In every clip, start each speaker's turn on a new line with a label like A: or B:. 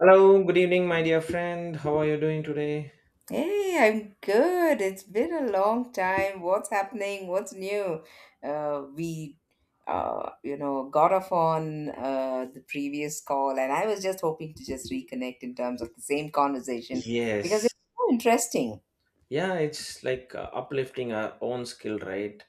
A: Hello, good evening, my dear friend. How are you doing today?
B: Hey, I'm good. It's been a long time. What's happening? What's new? Uh, we, got off on the previous call, and I was just hoping to just reconnect in terms of the same conversation because
A: Yes.
B: it's so interesting.
A: Yeah, it's like uplifting our own skill, right?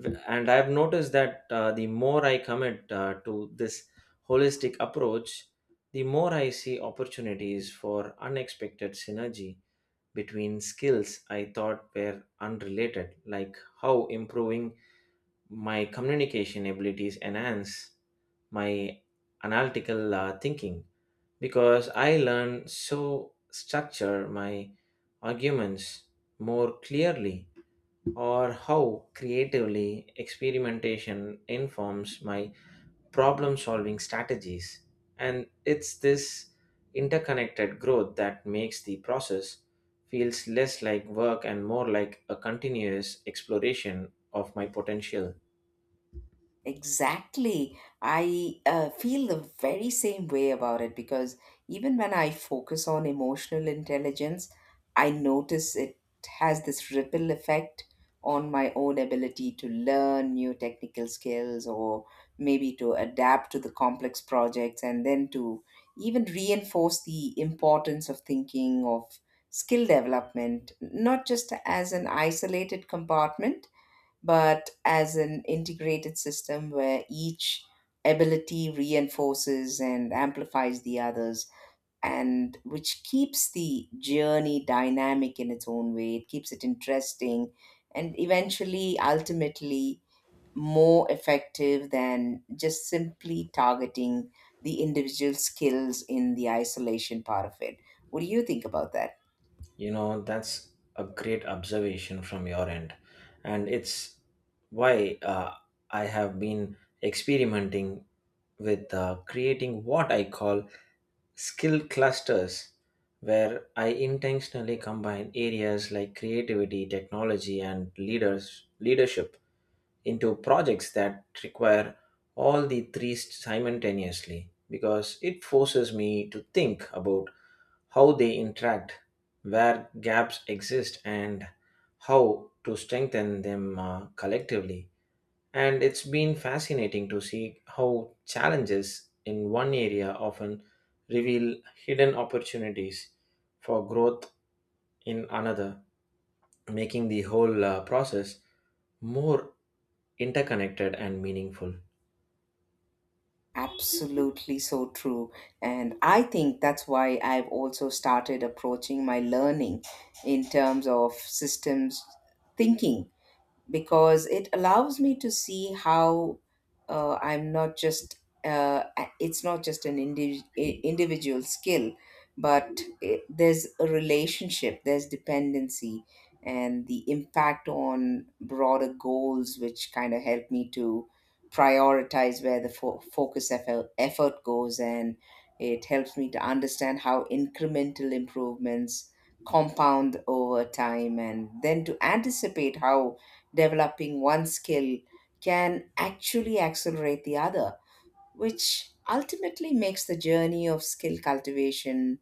A: And I've noticed that the more I commit to this holistic approach, the more I see opportunities for unexpected synergy between skills I thought were unrelated, like how improving my communication abilities enhance my analytical thinking, because I learn so structure my arguments more clearly, or how creatively experimentation informs my problem solving strategies. And it's this interconnected growth that makes the process feels less like work and more like a continuous exploration of my potential.
B: Exactly. I feel the very same way about it because even when I focus on emotional intelligence, I notice it has this ripple effect on my own ability to learn new technical skills or maybe to adapt to the complex projects and then to even reinforce the importance of thinking of skill development, not just as an isolated compartment but as an integrated system where each ability reinforces and amplifies the others, and which keeps the journey dynamic in its own way. It keeps it interesting and eventually, ultimately more effective than just simply targeting the individual skills in the isolation part of it. What do you think about that?
A: You know, that's a great observation from your end. And it's why I have been experimenting with creating what I call skill clusters, where I intentionally combine areas like creativity, technology, and leadership into projects that require all the three simultaneously, because it forces me to think about how they interact, where gaps exist, and how to strengthen them collectively. And it's been fascinating to see how challenges in one area often reveal hidden opportunities for growth in another, making the whole process more interconnected and meaningful.
B: Absolutely, so true. And I think that's why I've also started approaching my learning in terms of systems thinking, because it allows me to see how I'm not just it's not just an individual skill, but it, there's a relationship, there's dependency, and the impact on broader goals, which kind of help me to prioritize where the focus effort goes, and it helps me to understand how incremental improvements compound over time, and then to anticipate how developing one skill can actually accelerate the other, which ultimately makes the journey of skill cultivation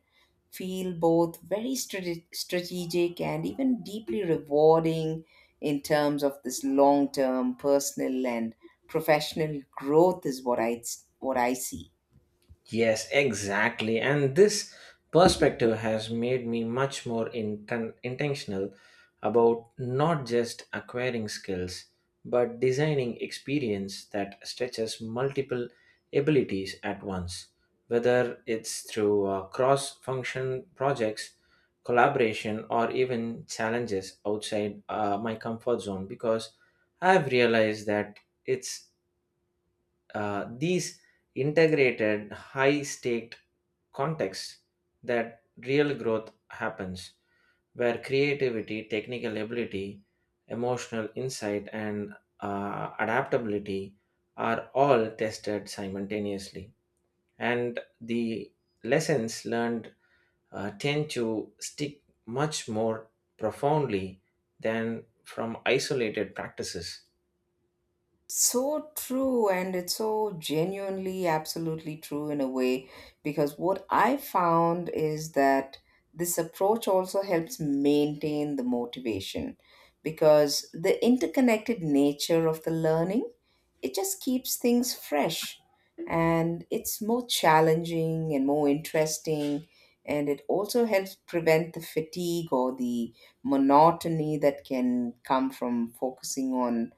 B: feel both very strategic and even deeply rewarding in terms of this long term personal and professional growth is what I see.
A: Yes, exactly. And this perspective has made me much more intentional about not just acquiring skills, but designing experience that stretches multiple abilities at once. Whether it's through cross function projects, collaboration, or even challenges outside my comfort zone, because I've realized that it's these integrated high staked context that real growth happens, where creativity, technical ability, emotional insight, and adaptability are all tested simultaneously. And the lessons learned tend to stick much more profoundly than from isolated practices.
B: So true, and it's so genuinely, absolutely true in a way, because what I found is that this approach also helps maintain the motivation because the interconnected nature of the learning, it just keeps things fresh and it's more challenging and more interesting, and it also helps prevent the fatigue or the monotony that can come from focusing on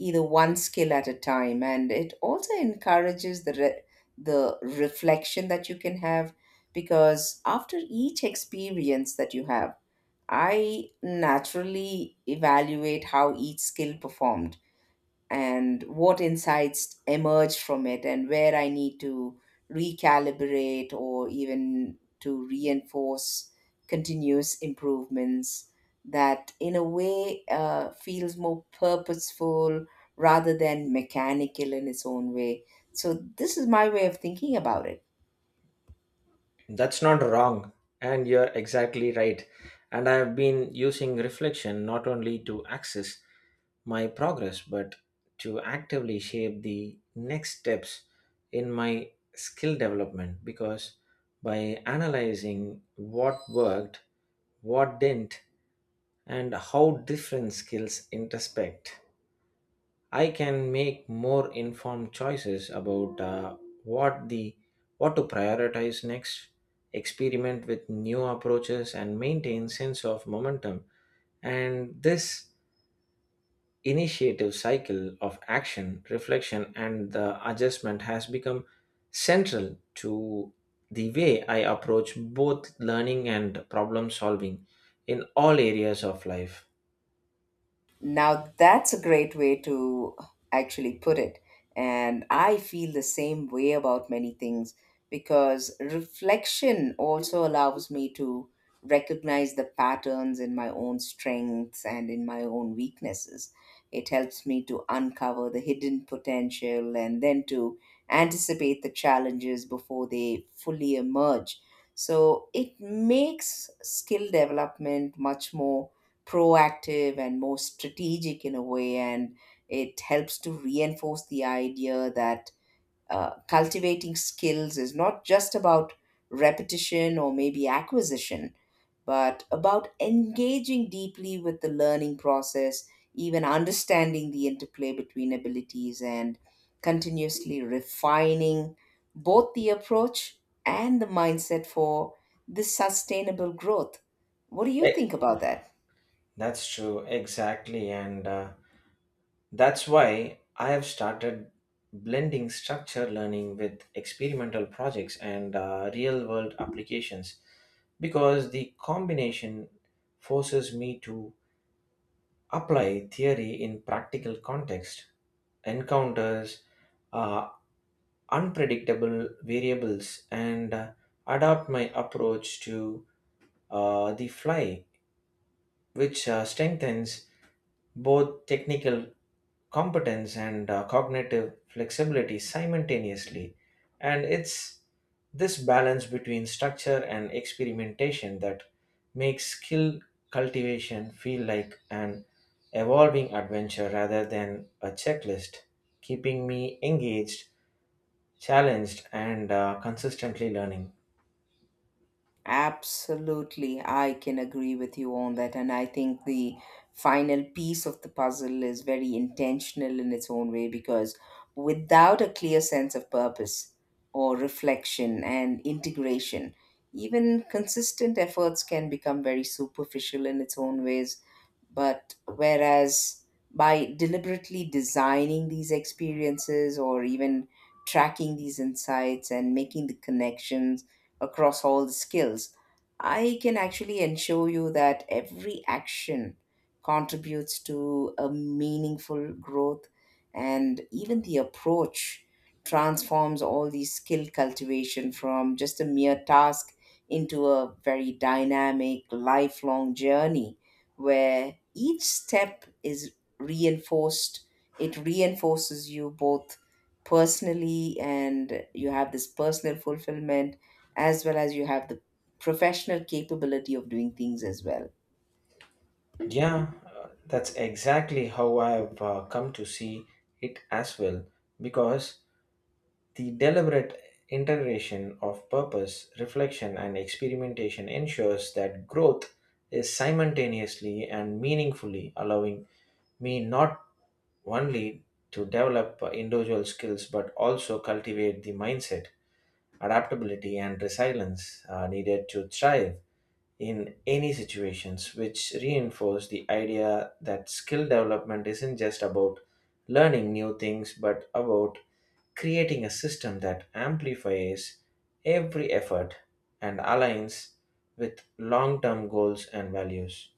B: either one skill at a time. And it also encourages the reflection that you can have, because after each experience that you have, I naturally evaluate how each skill performed and what insights emerge from it and where I need to recalibrate or even to reinforce continuous improvements that in a way feels more purposeful rather than mechanical in its own way. So this is my way of thinking about it.
A: That's not wrong, and you're exactly right. And I have been using reflection not only to access my progress, but to actively shape the next steps in my skill development, because by analyzing what worked, what didn't, and how different skills intersect, I can make more informed choices about what the what to prioritize next, experiment with new approaches, and maintain sense of momentum. And this initiative cycle of action, reflection, and the adjustment has become central to the way I approach both learning and problem solving in all areas of life.
B: Now, that's a great way to actually put it. And I feel the same way about many things because reflection also allows me to recognize the patterns in my own strengths and in my own weaknesses. It helps me to uncover the hidden potential and then to anticipate the challenges before they fully emerge. So it makes skill development much more proactive and more strategic in a way, and it helps to reinforce the idea that cultivating skills is not just about repetition or maybe acquisition, but about engaging deeply with the learning process, even understanding the interplay between abilities and continuously refining both the approach and the mindset for this sustainable growth. What do you
A: Eh,
B: think about that?
A: That's true, exactly. And that's why I have started blending structure learning with experimental projects and real world applications, because the combination forces me to apply theory in practical context, encounters uh, unpredictable variables and adapt my approach to the fly, which strengthens both technical competence and cognitive flexibility simultaneously. And it's this balance between structure and experimentation that makes skill cultivation feel like an evolving adventure rather than a checklist, keeping me engaged, challenged, and consistently learning.
B: Absolutely, I can agree with you on that. And I think the final piece of the puzzle is very intentional in its own way, because without a clear sense of purpose or reflection and integration, even consistent efforts can become very superficial in its own ways. But whereas by deliberately designing these experiences or even tracking these insights and making the connections across all the skills, I can actually ensure you that every action contributes to a meaningful growth, and even the approach transforms all these skill cultivation from just a mere task into a very dynamic lifelong journey where each step is reinforced it reinforces you both personally, and you have this personal fulfillment as well as you have the professional capability of doing things as well.
A: Yeah, that's exactly how I've come to see it as well, because the deliberate integration of purpose, reflection, and experimentation ensures that growth is simultaneously and meaningfully, allowing me not only to develop individual skills but also cultivate the mindset, adaptability, and resilience are needed to thrive in any situations, which reinforce the idea that skill development isn't just about learning new things but about creating a system that amplifies every effort and aligns with long-term goals and values.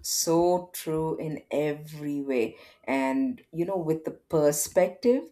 B: So true in every way. And you know, with the perspective,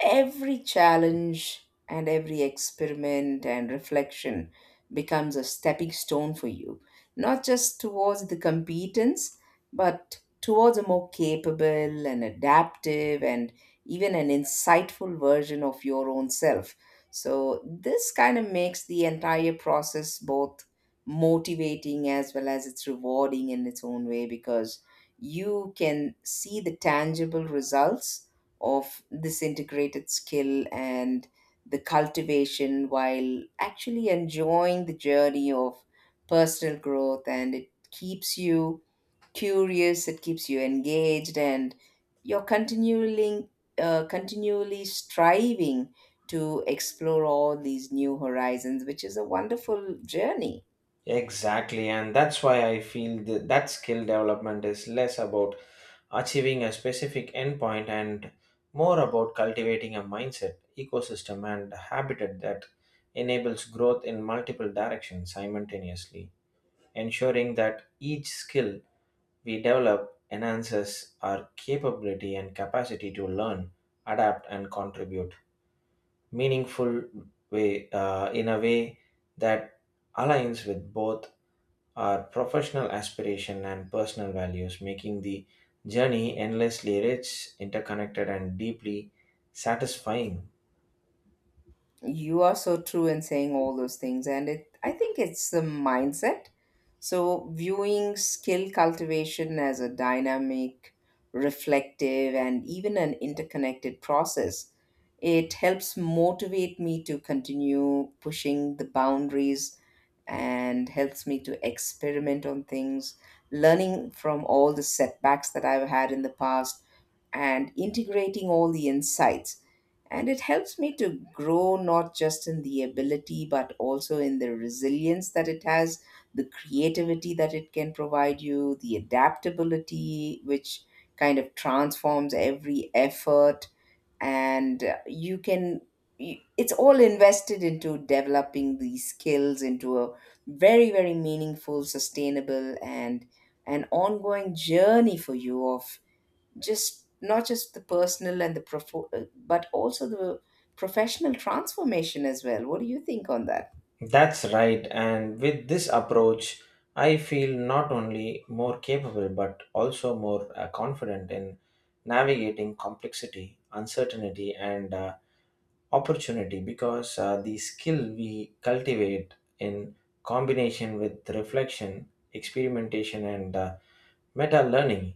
B: every challenge and every experiment and reflection becomes a stepping stone for you, not just towards the competence, but towards a more capable and adaptive and even an insightful version of your own self. So this kind of makes the entire process both motivating as well as it's rewarding in its own way, because you can see the tangible results of this integrated skill and the cultivation while actually enjoying the journey of personal growth. And it keeps you curious, it keeps you engaged, and you're continually striving to explore all these new horizons, which is a wonderful journey.
A: Exactly. And that's why I feel that skill development is less about achieving a specific endpoint and more about cultivating a mindset, ecosystem, and habitat that enables growth in multiple directions simultaneously, ensuring that each skill we develop enhances our capability and capacity to learn, adapt, and contribute meaningful way, in a way that aligns with both our professional aspiration and personal values, making the journey endlessly rich, interconnected, and deeply satisfying.
B: You are so true in saying all those things, and it, I think it's the mindset. So, viewing skill cultivation as a dynamic, reflective, and even an interconnected process, it helps motivate me to continue pushing the boundaries and helps me to experiment on things, learning from all the setbacks that I've had in the past, and integrating all the insights. And it helps me to grow not just in the ability, but also in the resilience that it has, the creativity that it can provide you, the adaptability, which kind of transforms every effort. And you can, it's all invested into developing these skills into a very, very meaningful, sustainable, and an ongoing journey for you of just not just the personal and but also the professional transformation as well. What do you think on that?
A: That's right, and with this approach, I feel not only more capable but also more confident in navigating complexity, uncertainty, and opportunity, because the skill we cultivate in combination with reflection, experimentation, and meta learning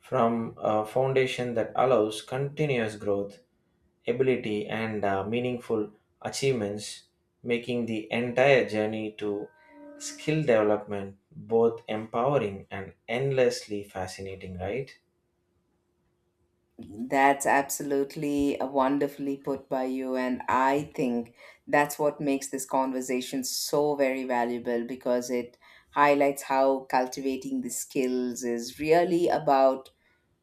A: from a foundation that allows continuous growth, ability, and meaningful achievements, making the entire journey to skill development both empowering and endlessly fascinating, right?
B: That's absolutely wonderfully put by you. And I think that's what makes this conversation so very valuable, because it highlights how cultivating the skills is really about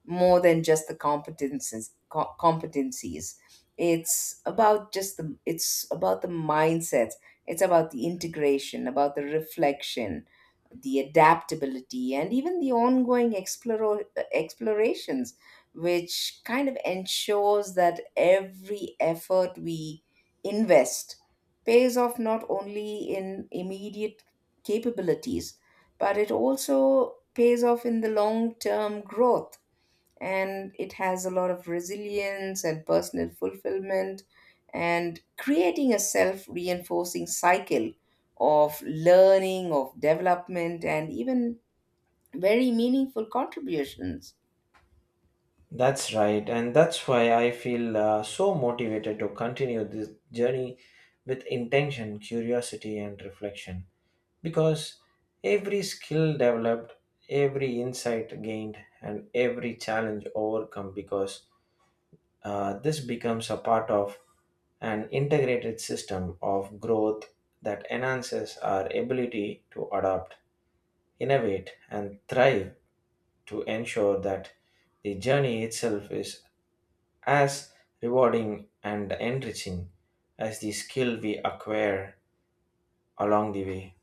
B: more than just the competencies. It's about just the it's about the mindsets, it's about the integration, about the reflection, the adaptability, and even explorations, which kind of ensures that every effort we invest pays off not only in immediate capabilities, but it also pays off in the long term growth. And it has a lot of resilience and personal fulfillment, and creating a self reinforcing cycle of learning, of development, and even very meaningful contributions.
A: That's right, and that's why I feel so motivated to continue this journey with intention, curiosity, and reflection, because every skill developed, every insight gained, and every challenge overcome, because this becomes a part of an integrated system of growth that enhances our ability to adapt, innovate, and thrive, to ensure that the journey itself is as rewarding and enriching as the skill we acquire along the way.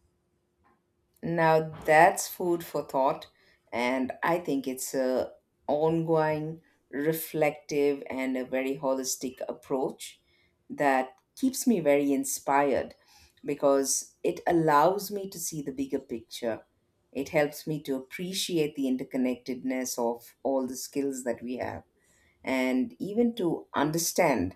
B: Now that's food for thought, and I think it's a ongoing, reflective, and a very holistic approach that keeps me very inspired, because it allows me to see the bigger picture. It helps me to appreciate the interconnectedness of all the skills that we have, and even to understand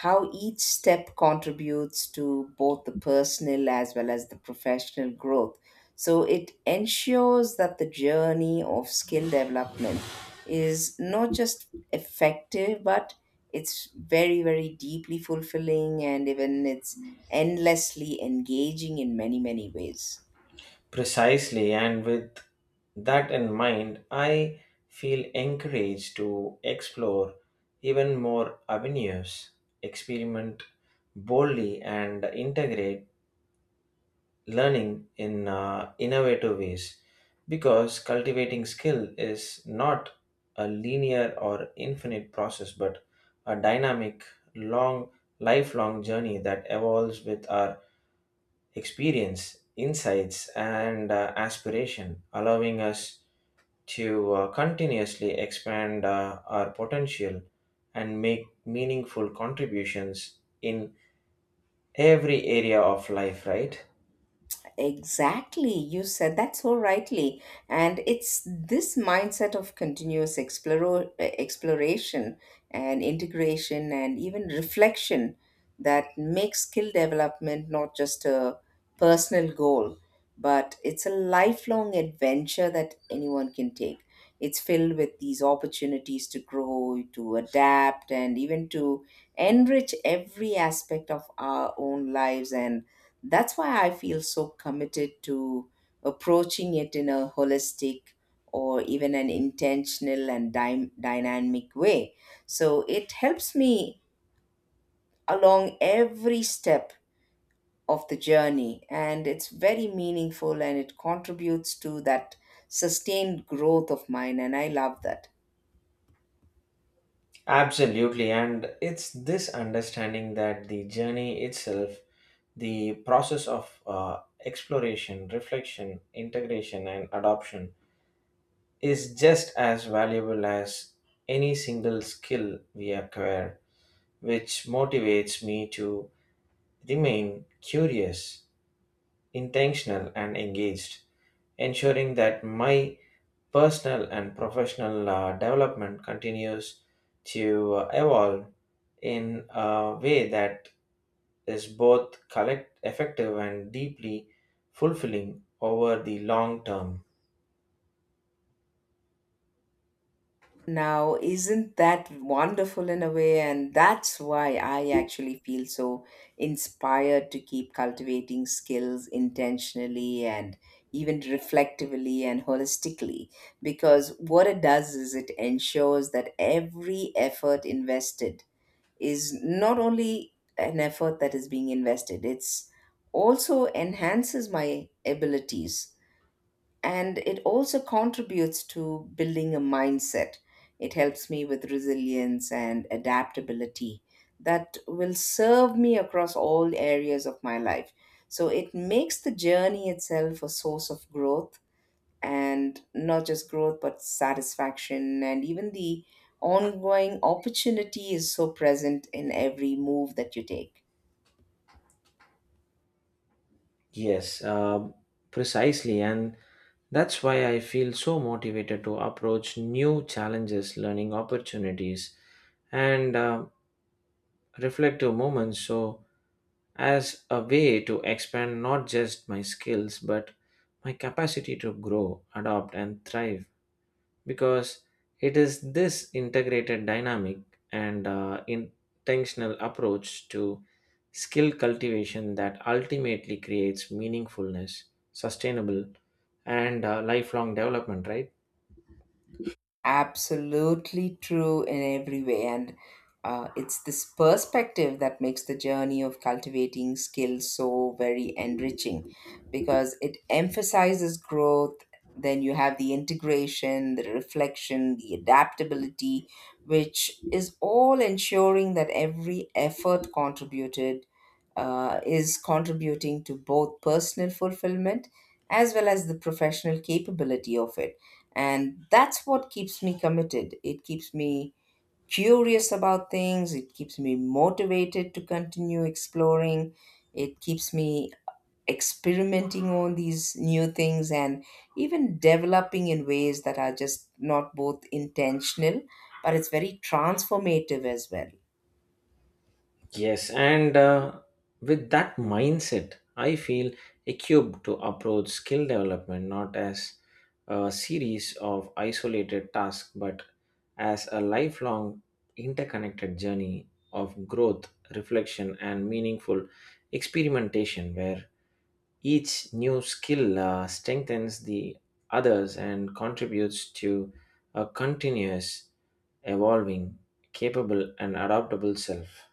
B: how each step contributes to both the personal as well as the professional growth. So it ensures that the journey of skill development is not just effective, but it's very, very deeply fulfilling, and even it's endlessly engaging in many, many ways.
A: Precisely, and with that in mind, I feel encouraged to explore even more avenues, experiment boldly, and integrate learning in innovative ways, because cultivating skill is not a linear or infinite process but a dynamic long lifelong journey that evolves with our experience, insights, and aspiration, allowing us to continuously expand our potential and make meaningful contributions in every area of life, right?
B: Exactly. You said that so rightly. And it's this mindset of exploration and integration and even reflection that makes skill development not just a personal goal, but it's a lifelong adventure that anyone can take. It's filled with these opportunities to grow, to adapt, and even to enrich every aspect of our own lives. And that's why I feel so committed to approaching it in a holistic or even an intentional and dynamic way. So it helps me along every step of the journey, and it's very meaningful and it contributes to that sustained growth of mine, and I love that.
A: Absolutely, and it's this understanding that the journey itself, the process of exploration, reflection, integration, and adoption, is just as valuable as any single skill we acquire, which motivates me to remain curious, intentional, and engaged, ensuring that my personal and professional development continues to evolve in a way that is both collect effective and deeply fulfilling over the long term.
B: Now, isn't that wonderful in a way? And that's why I actually feel so inspired to keep cultivating skills intentionally and even reflectively and holistically. Because what it does is it ensures that every effort invested is not only an effort that is being invested, it's also enhances my abilities and it also contributes to building a mindset. It helps me with resilience and adaptability that will serve me across all areas of my life. So it makes the journey itself a source of growth, and not just growth but satisfaction and even the ongoing opportunity is so present in every move that you take.
A: Yes, uh, precisely. And that's why I feel so motivated to approach new challenges, learning opportunities, and reflective moments. So, as a way to expand not just my skills, but my capacity to grow, adopt, and thrive, because it is this integrated dynamic and intentional approach to skill cultivation that ultimately creates meaningfulness, sustainable, and lifelong development, right?
B: Absolutely true in every way. And it's this perspective that makes the journey of cultivating skills so very enriching, because it emphasizes growth. Then you have the integration, the reflection, the adaptability, which is all ensuring that every effort contributed is contributing to both personal fulfillment as well as the professional capability of it. And that's what keeps me committed. It keeps me curious about things. It keeps me motivated to continue exploring. It keeps me experimenting on these new things and even developing in ways that are just not both intentional, but it's very transformative as well.
A: Yes, and with that mindset, I feel equipped to approach skill development not as a series of isolated tasks but as a lifelong interconnected journey of growth, reflection, and meaningful experimentation, where each new skill strengthens the others and contributes to a continuous, evolving, capable, and adaptable self.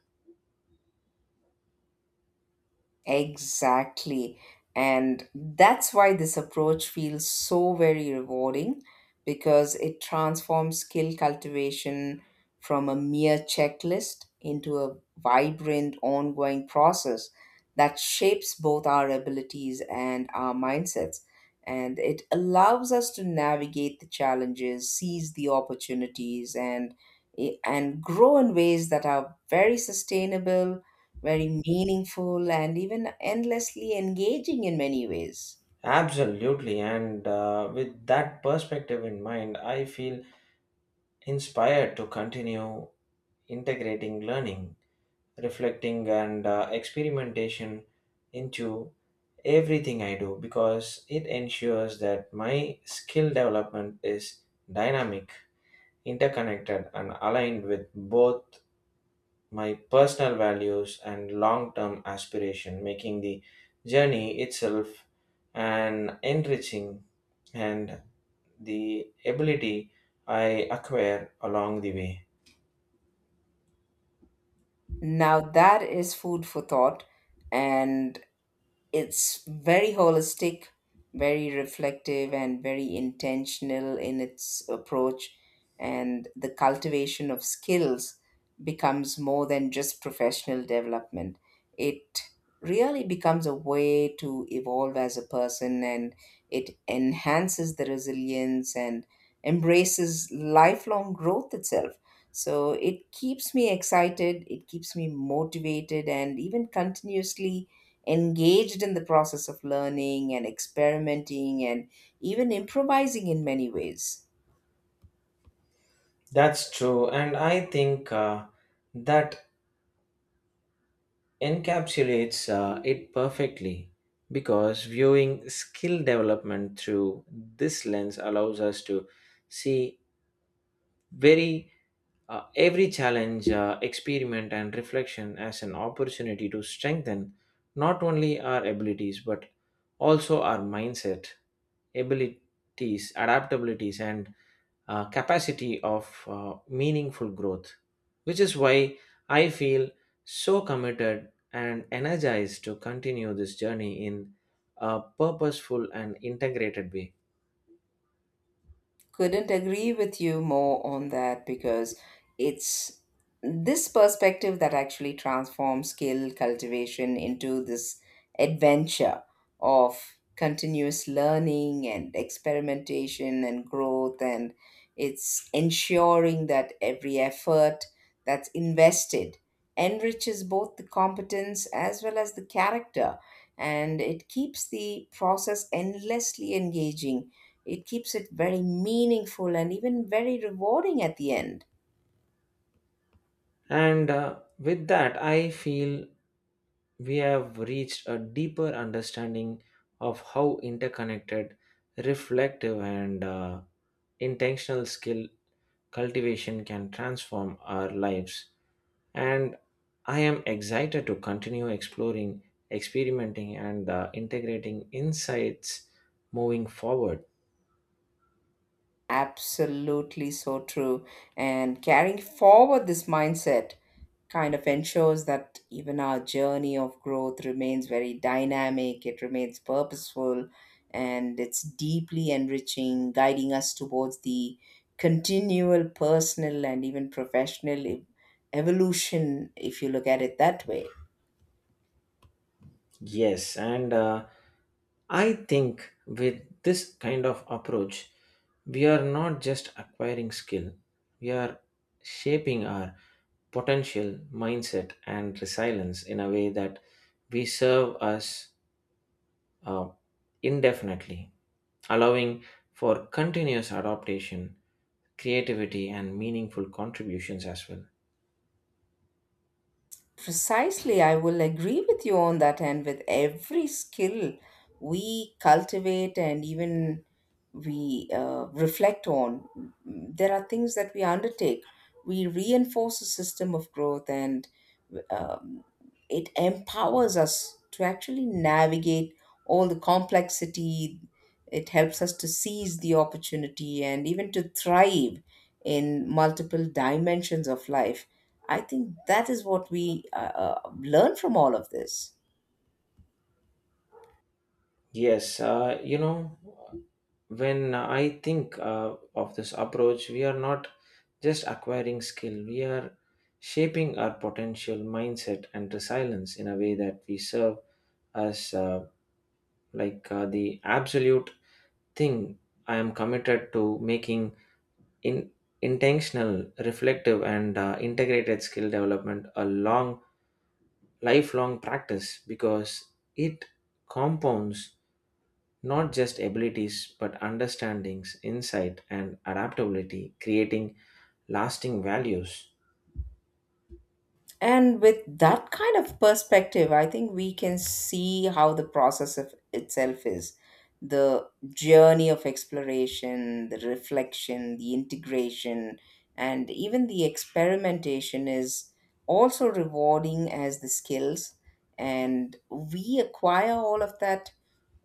B: Exactly. And that's why this approach feels so very rewarding, because it transforms skill cultivation from a mere checklist into a vibrant, ongoing process that shapes both our abilities and our mindsets. And it allows us to navigate the challenges, seize the opportunities, and and grow in ways that are very sustainable, very meaningful, and even endlessly engaging in many ways.
A: Absolutely, and with that perspective in mind, I feel inspired to continue integrating learning, reflecting, and experimentation into everything I do, because it ensures that my skill development is dynamic, interconnected, and aligned with both my personal values and long term aspiration, making the journey itself an enriching and the ability I acquire along the way.
B: Now, that is food for thought, and it's very holistic, very reflective, and very intentional in its approach. And the cultivation of skills becomes more than just professional development. It really becomes a way to evolve as a person, and it enhances the resilience and embraces lifelong growth itself. So it keeps me excited, it keeps me motivated, and even continuously engaged in the process of learning and experimenting and even improvising in many ways.
A: That's true, and I think that encapsulates it perfectly, because viewing skill development through this lens allows us to see very every challenge, experiment, and reflection as an opportunity to strengthen not only our abilities but also our mindset, abilities, adaptabilities, and capacity of meaningful growth, which is why I feel so committed and energized to continue this journey in a purposeful and integrated way.
B: Couldn't agree with you more on that, because it's this perspective that actually transforms skill cultivation into this adventure of continuous learning and experimentation and growth. And it's ensuring that every effort that's invested enriches both the competence as well as the character, and it keeps the process endlessly engaging. It keeps it very meaningful and even very rewarding at the end.
A: And with that, I feel we have reached a deeper understanding of how interconnected, reflective, and intentional skill cultivation can transform our lives, and I am excited to continue exploring, experimenting, and integrating insights moving forward.
B: Absolutely so true. And carrying forward this mindset kind of ensures that even our journey of growth remains very dynamic, it remains purposeful, and it's deeply enriching, guiding us towards the continual personal and even evolution, if you look at it that way.
A: Yes, and I think with this kind of approach, we are not just acquiring skill, we are shaping our potential, mindset, and resilience in a way that we serve us uh, indefinitely, allowing for continuous adaptation, creativity, and meaningful contributions as well.
B: Precisely, I will agree with you on that. And with every skill we cultivate and even we reflect on, there are things that we undertake. We reinforce a system of growth, and um, it empowers us to actually navigate all the complexity. It helps us to seize the opportunity and even to thrive in multiple dimensions of life. I think that is what we learn from all of this.
A: Yes, uh, you know, when I think of this approach, we are not just acquiring skill, we are shaping our potential mindset and resilience in a way that we serve as the absolute thing. I am committed to making in intentional, reflective, and integrated skill development a long lifelong practice, because it compounds not just abilities but understandings, insight, and adaptability, creating lasting values.
B: And with that kind of perspective, I think we can see how the process of itself is the journey of exploration, the reflection, the integration, and even the experimentation is also rewarding as the skills. And we acquire all of that,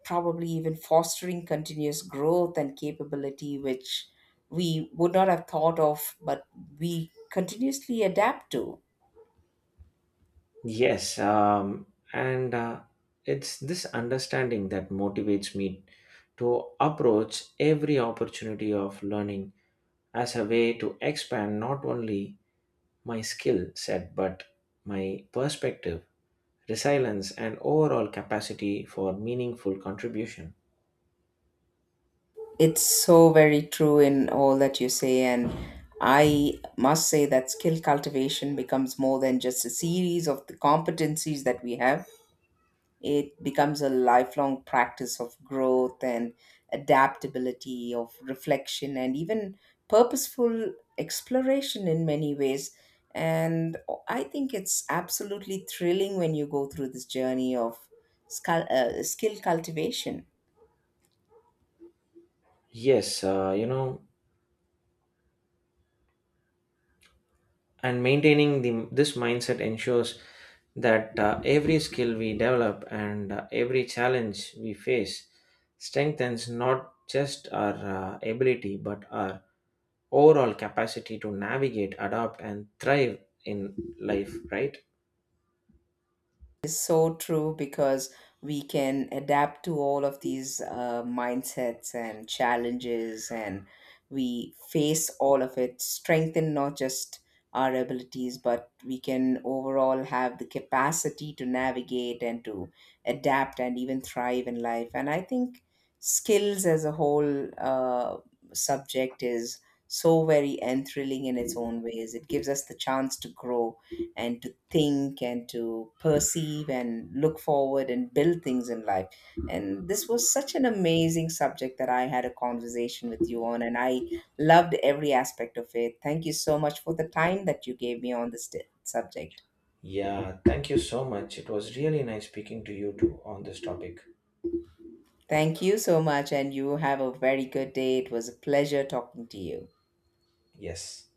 B: probably even fostering continuous growth and capability, which we would not have thought of, but we continuously adapt to.
A: Yes, and it's this understanding that motivates me to approach every opportunity of learning as a way to expand not only my skill set but my perspective, resilience, and overall capacity for meaningful contribution.
B: It's so very true in all that you say, and I must say that skill cultivation becomes more than just a series of the competencies that we have. It becomes a lifelong practice of growth and adaptability, of reflection, and even purposeful exploration in many ways. And I think it's absolutely thrilling when you go through this journey of skill cultivation.
A: Yes, uh, you know, and maintaining the this mindset ensures that every skill we develop and every challenge we face strengthens not just our ability but our overall capacity to navigate, adapt, and thrive in life. Right?
B: Is so true, because we can adapt to all of these mindsets and challenges, and we face all of it strengthen not just our abilities, but we can overall have the capacity to navigate and to adapt and even thrive in life. And I think skills as a whole subject is so very enthralling in its own ways. It gives us the chance to grow and to think and to perceive and look forward and build things in life. And this was such an amazing subject that I had a conversation with you on, and I loved every aspect of it. Thank you so much for the time that you gave me on this subject.
A: Yeah. Thank you so much. It was really nice speaking to you too on this topic.
B: Thank you so much, and you have a very good day. It was a pleasure talking to you.
A: Yes.